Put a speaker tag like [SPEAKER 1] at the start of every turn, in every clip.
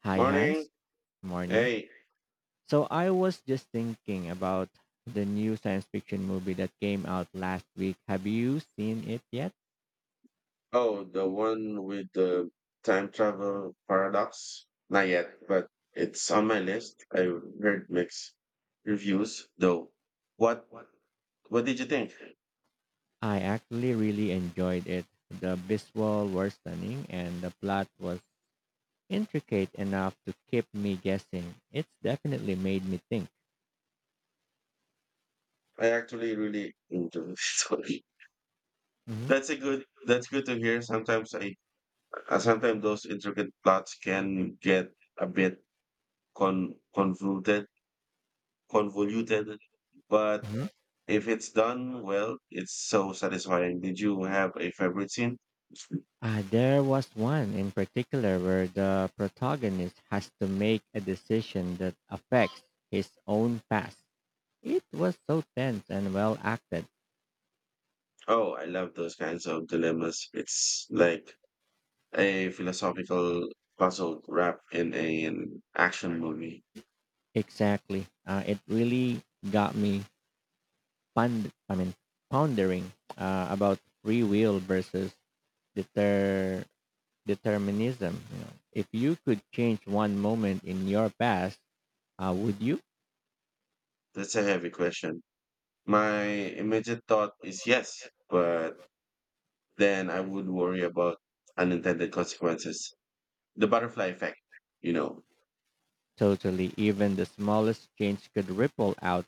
[SPEAKER 1] Hi, Hans.
[SPEAKER 2] Morning.
[SPEAKER 1] Morning.
[SPEAKER 2] Hey.
[SPEAKER 1] So I was just thinking about the new science fiction movie that came out last week. Have you seen it yet?
[SPEAKER 2] Oh, the one with the time travel paradox? Not yet, but it's on my list. I heard mixed reviews though. What what what did you think?
[SPEAKER 1] I actually really enjoyed it. The visual were stunning and the plot was intricate enough to keep me guessing. It's definitely made me think.
[SPEAKER 2] I actually really enjoyed it. Sorry.
[SPEAKER 1] hmm
[SPEAKER 2] That's good to hear. Sometimes I sometimes those intricate plots can get a bit con convoluted convoluted, but
[SPEAKER 1] hmm
[SPEAKER 2] if it's done well, it's so satisfying. Did you have a favorite scene?
[SPEAKER 1] There was one in particular where the protagonist has to make a decision that affects his own past. It was so tense and well acted.
[SPEAKER 2] Oh, I love those kinds of dilemmas. It's like a philosophical puzzle wrapped in an action movie.
[SPEAKER 1] Exactly. It really got me pond- I mean, pondering about free will versus deter- determinism. You know, if you could change one moment in your past, would you?
[SPEAKER 2] That's a heavy question. My immediate thought is yes, but then I would worry about unintended consequences. The butterfly effect, you know.
[SPEAKER 1] Totally. Even the smallest change could ripple out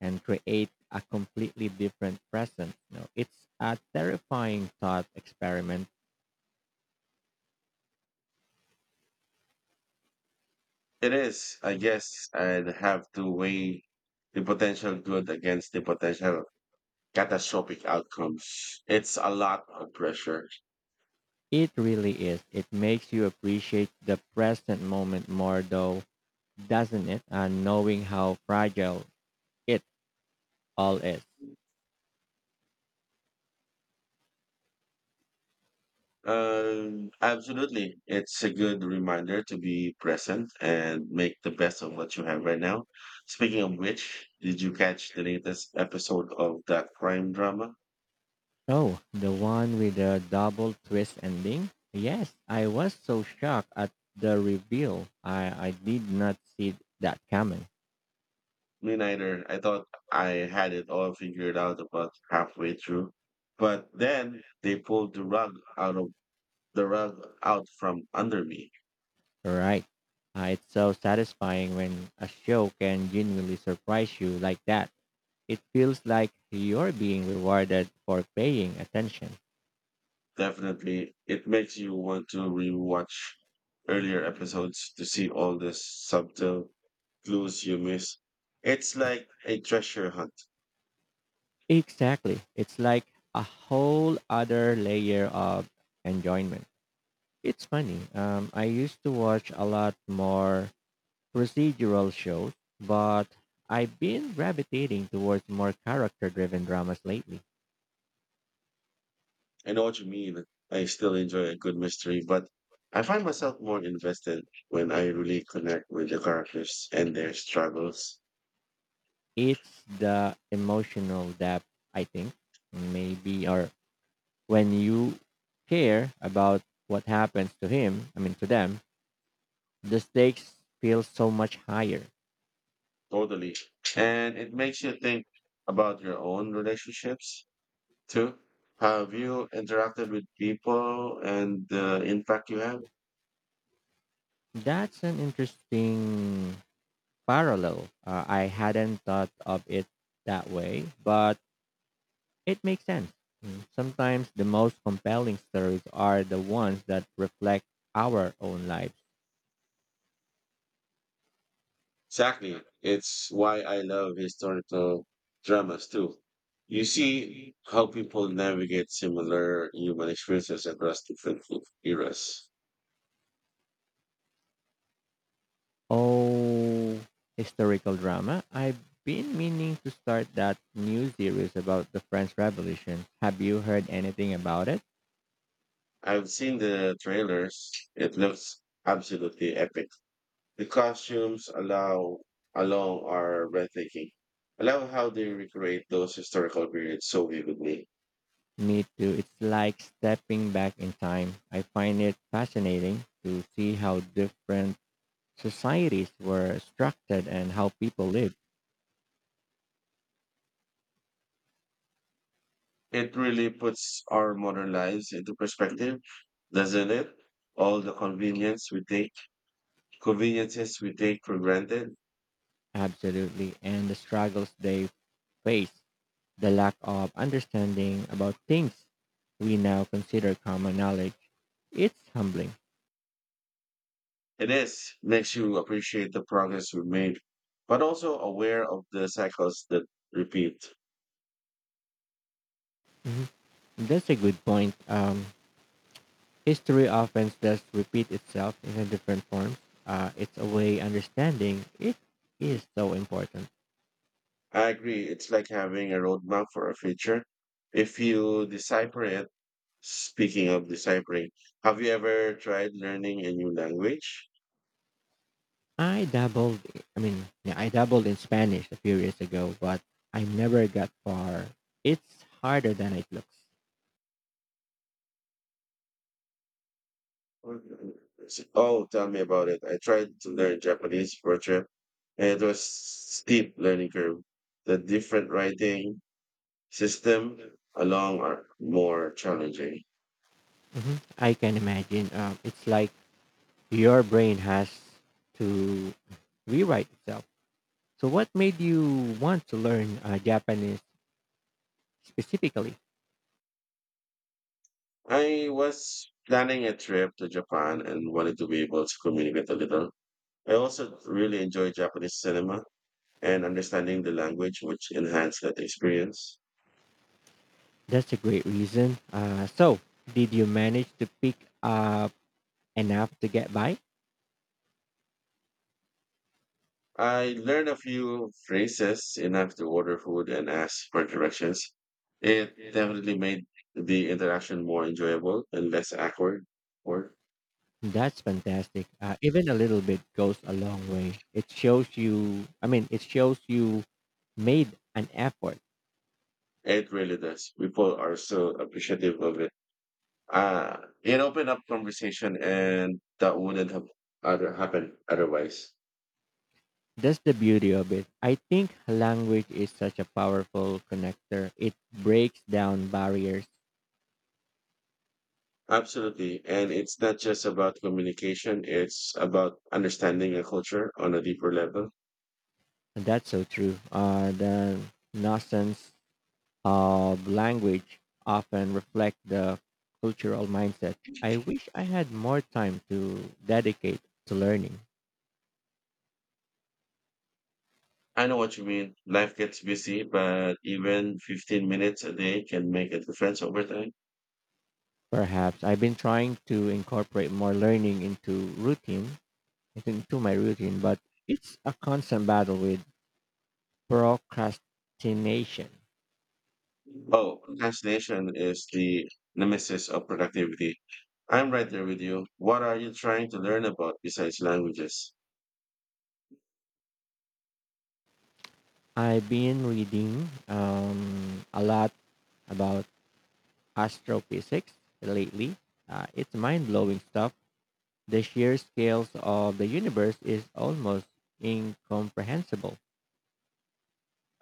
[SPEAKER 1] and create a completely different present. You know, it's a terrifying thought experiment.
[SPEAKER 2] It is. I guess I'd have to weigh the potential good against the potential catastrophic outcomes. It's a lot of pressure.
[SPEAKER 1] It really is. It makes you appreciate the present moment more, though, doesn't it? And knowing how fragile it all is.
[SPEAKER 2] Absolutely. It's a good reminder to be present and make the best of what you have right now. Speaking of which, did you catch the latest episode of that crime drama?
[SPEAKER 1] Oh, the one with the double twist ending? Yes, I was so shocked at the reveal. I did not see that coming.
[SPEAKER 2] Me neither. I thought I had it all figured out about halfway through. But then they pulled out of the rug out from under me.
[SPEAKER 1] Right. It's so satisfying when a show can genuinely surprise you like that. It feels like you're being rewarded for paying attention.
[SPEAKER 2] Definitely, it makes you want to rewatch earlier episodes to see all the subtle clues you miss. It's like a treasure hunt.
[SPEAKER 1] Exactly. It's like a whole other layer of enjoyment. It's funny. I used to watch a lot more procedural shows, but I've been gravitating towards more character driven dramas lately.
[SPEAKER 2] I know what you mean. I still enjoy a good mystery, but I find myself more invested when I really connect with the characters and their struggles.
[SPEAKER 1] It's the emotional depth, I think, maybe, or when you care about what happens to to them, the stakes feel so much higher.
[SPEAKER 2] Totally. And it makes you think about your own relationships Two, have you interacted with people and the impact you have?
[SPEAKER 1] That's an interesting parallel. I hadn't thought of it that way, but it makes sense. Mm. Sometimes the most compelling stories are the ones that reflect our own lives.
[SPEAKER 2] Exactly. It's why I love historical dramas too. You see how people navigate similar human experiences across different eras.
[SPEAKER 1] Oh, historical drama. I've been meaning to start that new series about the French Revolution. Have you heard anything about it?
[SPEAKER 2] I've seen the trailers. It looks absolutely epic. The costumes allow alone are breathtaking. I love how they recreate those historical periods so vividly.
[SPEAKER 1] Me too. It's like stepping back in time. I find it fascinating to see how different societies were structured and how people lived.
[SPEAKER 2] It really puts our modern lives into perspective, doesn't it? All the conveniences we take for granted.
[SPEAKER 1] Absolutely. And the struggles they face, the lack of understanding about things we now consider common knowledge, it's humbling.
[SPEAKER 2] It is, makes you appreciate the progress we made, but also aware of the cycles that repeat.
[SPEAKER 1] Mhm. That's a good point. History often does repeat itself in a different form. It's a way understanding it is so important.
[SPEAKER 2] I agree. It's like having a roadmap for a future. If you decipher it, speaking of deciphering, have you ever tried learning a new language?
[SPEAKER 1] I dabbled, I mean, Yeah, I dabbled in Spanish a few years ago, but I never got far. It's harder than it looks.
[SPEAKER 2] Oh, tell me about it. I tried to learn Japanese for a trip, and it was steep learning curve. The different writing system along are more challenging.
[SPEAKER 1] Mhm. I can imagine. It's like your brain has to rewrite itself. So, what made you want to learn Japanese specifically?
[SPEAKER 2] I was planning a trip to Japan and wanted to be able to communicate a little. I also really enjoy Japanese cinema and understanding the language, which enhanced that experience.
[SPEAKER 1] That's a great reason. So, did you manage to pick up enough to get by?
[SPEAKER 2] I learned a few phrases, enough to order food and ask for directions. It definitely made the interaction more enjoyable and less awkward. Or
[SPEAKER 1] That's fantastic. Even a little bit goes a long way. It shows you made an effort.
[SPEAKER 2] it really does. People are so appreciative of it. Ah, it opened up conversation, and that wouldn't have other happened otherwise.
[SPEAKER 1] That's the beauty of it. I think language is such a powerful connector. It breaks down barriers.
[SPEAKER 2] Absolutely, and it's not just about communication; it's about understanding a culture on a deeper level.
[SPEAKER 1] That's so true. The nonsense of language often reflect the cultural mindset. I wish I had more time to dedicate to learning.
[SPEAKER 2] I know what you mean. Life gets busy, but even 15 minutes a day can make a difference over time.
[SPEAKER 1] Perhaps I've been trying to incorporate more learning into my routine, but it's a constant battle with procrastination.
[SPEAKER 2] Oh, procrastination is the nemesis of productivity. I'm right there with you. What are you trying to learn about besides languages?
[SPEAKER 1] I've been reading a lot about astrophysics lately. It's mind blowing stuff. The sheer scales of the universe is almost incomprehensible.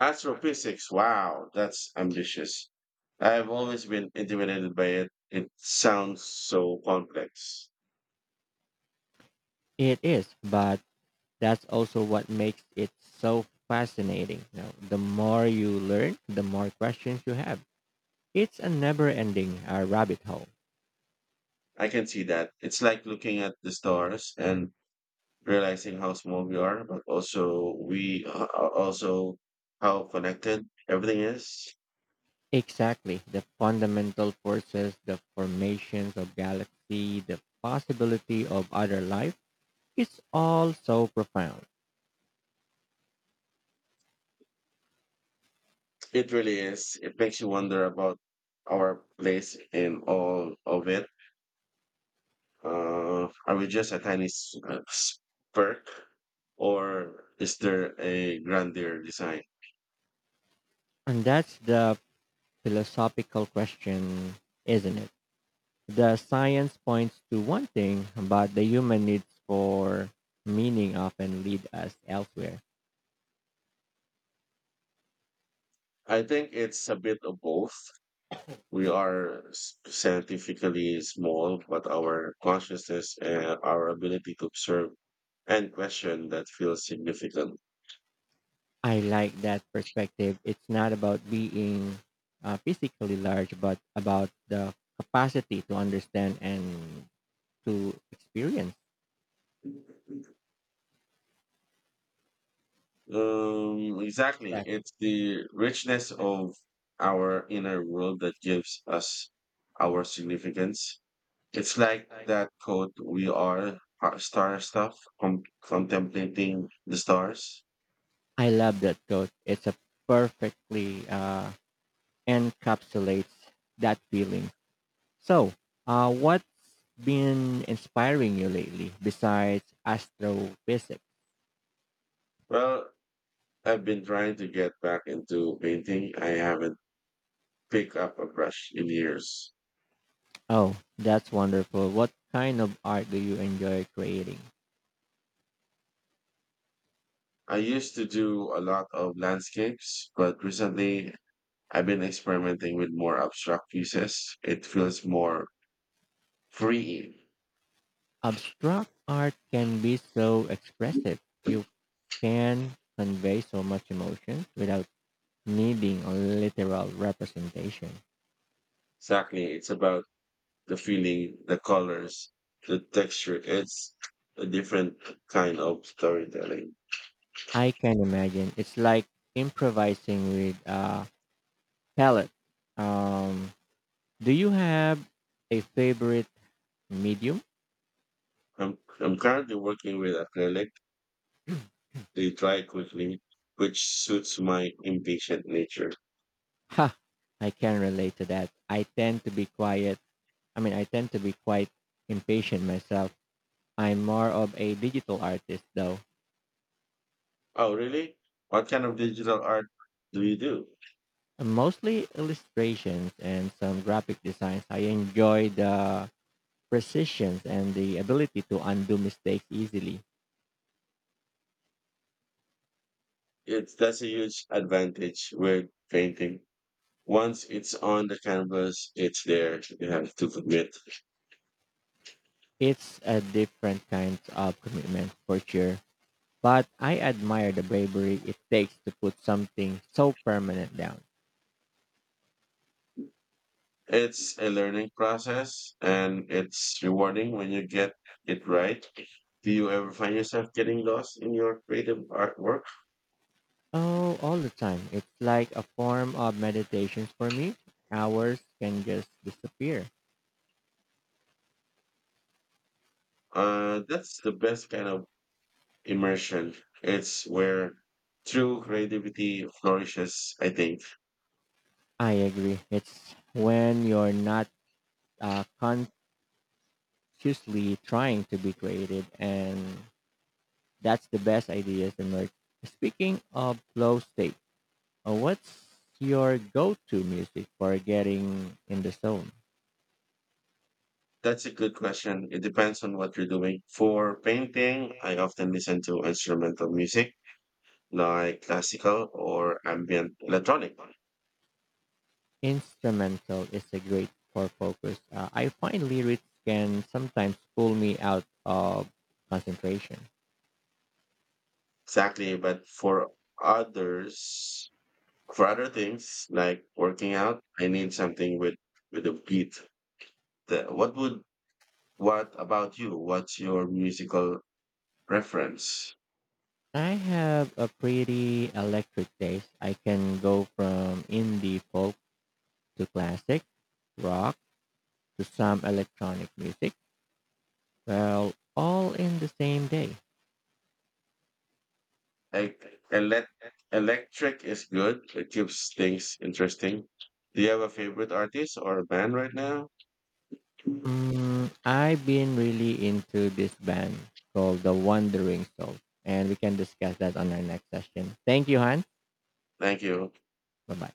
[SPEAKER 2] Astrophysics. Wow, that's ambitious. I've always been intimidated by it. It sounds so complex.
[SPEAKER 1] It is, but that's also what makes it so fascinating. You know, the more you learn, the more questions you have. It's a never-ending rabbit hole.
[SPEAKER 2] I can see that. It's like looking at the stars and realizing how small we are, but also we are also how connected everything is.
[SPEAKER 1] Exactly, the fundamental forces, the formations of galaxy, the possibility of other life. It's all so profound,
[SPEAKER 2] It really is. It makes you wonder about our place in all of it. Are we just a tiny spark, or is there a grander design?
[SPEAKER 1] and that's the philosophical question, isn't it? The science points to one thing, but the human needs for meaning often lead us elsewhere.
[SPEAKER 2] I think it's a bit of both. We are scientifically small, but our consciousness and our ability to observe and question, that feels significant.
[SPEAKER 1] I like that perspective. It's not about being physically large, but about the capacity to understand and to experience
[SPEAKER 2] Exactly.
[SPEAKER 1] that.
[SPEAKER 2] It's the richness of our inner world that gives us our significance. It's like that quote, we are our star stuff, contemplating the stars.
[SPEAKER 1] I love that quote. It's a perfectly encapsulates that feeling. So, what's been inspiring you lately besides astrophysics?
[SPEAKER 2] Well, I've been trying to get back into painting. I haven't picked up a brush in years.
[SPEAKER 1] Oh, that's wonderful. What kind of art do you enjoy creating?
[SPEAKER 2] I used to do a lot of landscapes, but recently I've been experimenting with more abstract pieces. It feels more free.
[SPEAKER 1] Abstract art can be so expressive. You can convey so much emotion without needing a literal representation.
[SPEAKER 2] Exactly. It's about the feeling, the colors, the texture. It's a different kind of storytelling.
[SPEAKER 1] I can imagine it's like improvising with a palette. Um, do you have a favorite medium?
[SPEAKER 2] I'm currently working with acrylic. They dry quickly, which suits my impatient nature.
[SPEAKER 1] Ha, I can relate to that. I tend to be quite impatient myself. I'm more of a digital artist though.
[SPEAKER 2] Oh, really? What kind of digital art do you do?
[SPEAKER 1] Mostly illustrations and some graphic designs. I enjoy the precision and the ability to undo mistakes easily.
[SPEAKER 2] It that's a huge advantage with painting. Once it's on the canvas, it's there. You have to commit.
[SPEAKER 1] It's a different kind of commitment for sure, but I admire the bravery it takes to put something so permanent down.
[SPEAKER 2] It's a learning process and it's rewarding when you get it right. Do you ever find yourself getting lost in your creative artwork?
[SPEAKER 1] Oh, all the time. It's like a form of meditation for me. Hours can just disappear.
[SPEAKER 2] That's the best kind of immersion. It's where true creativity flourishes, I think.
[SPEAKER 1] I agree. It's when you're not uh, consciously trying to be creative and that's the best ideas emerge. Speaking of flow state, what's your go-to music for getting in the zone?
[SPEAKER 2] That's a good question. It depends on what you're doing. For painting, I often listen to instrumental music like classical or ambient electronic.
[SPEAKER 1] Instrumental is a great for focus. I find lyrics can sometimes pull me out of concentration.
[SPEAKER 2] Exactly, but others, for other things like working out, I need something with a beat. The, what would What about you? What's your musical preference?
[SPEAKER 1] I have a pretty electric taste. I can go from indie folk to classic rock to some electronic music. Well, all in the same day.
[SPEAKER 2] E- elec Electric is good. It keeps things interesting. Do you have a favorite artist or a band right now?
[SPEAKER 1] Mm, I've been really into this band called The Wandering Souls, and we can discuss that on our next session. Thank you, Han.
[SPEAKER 2] Thank you.
[SPEAKER 1] Bye bye.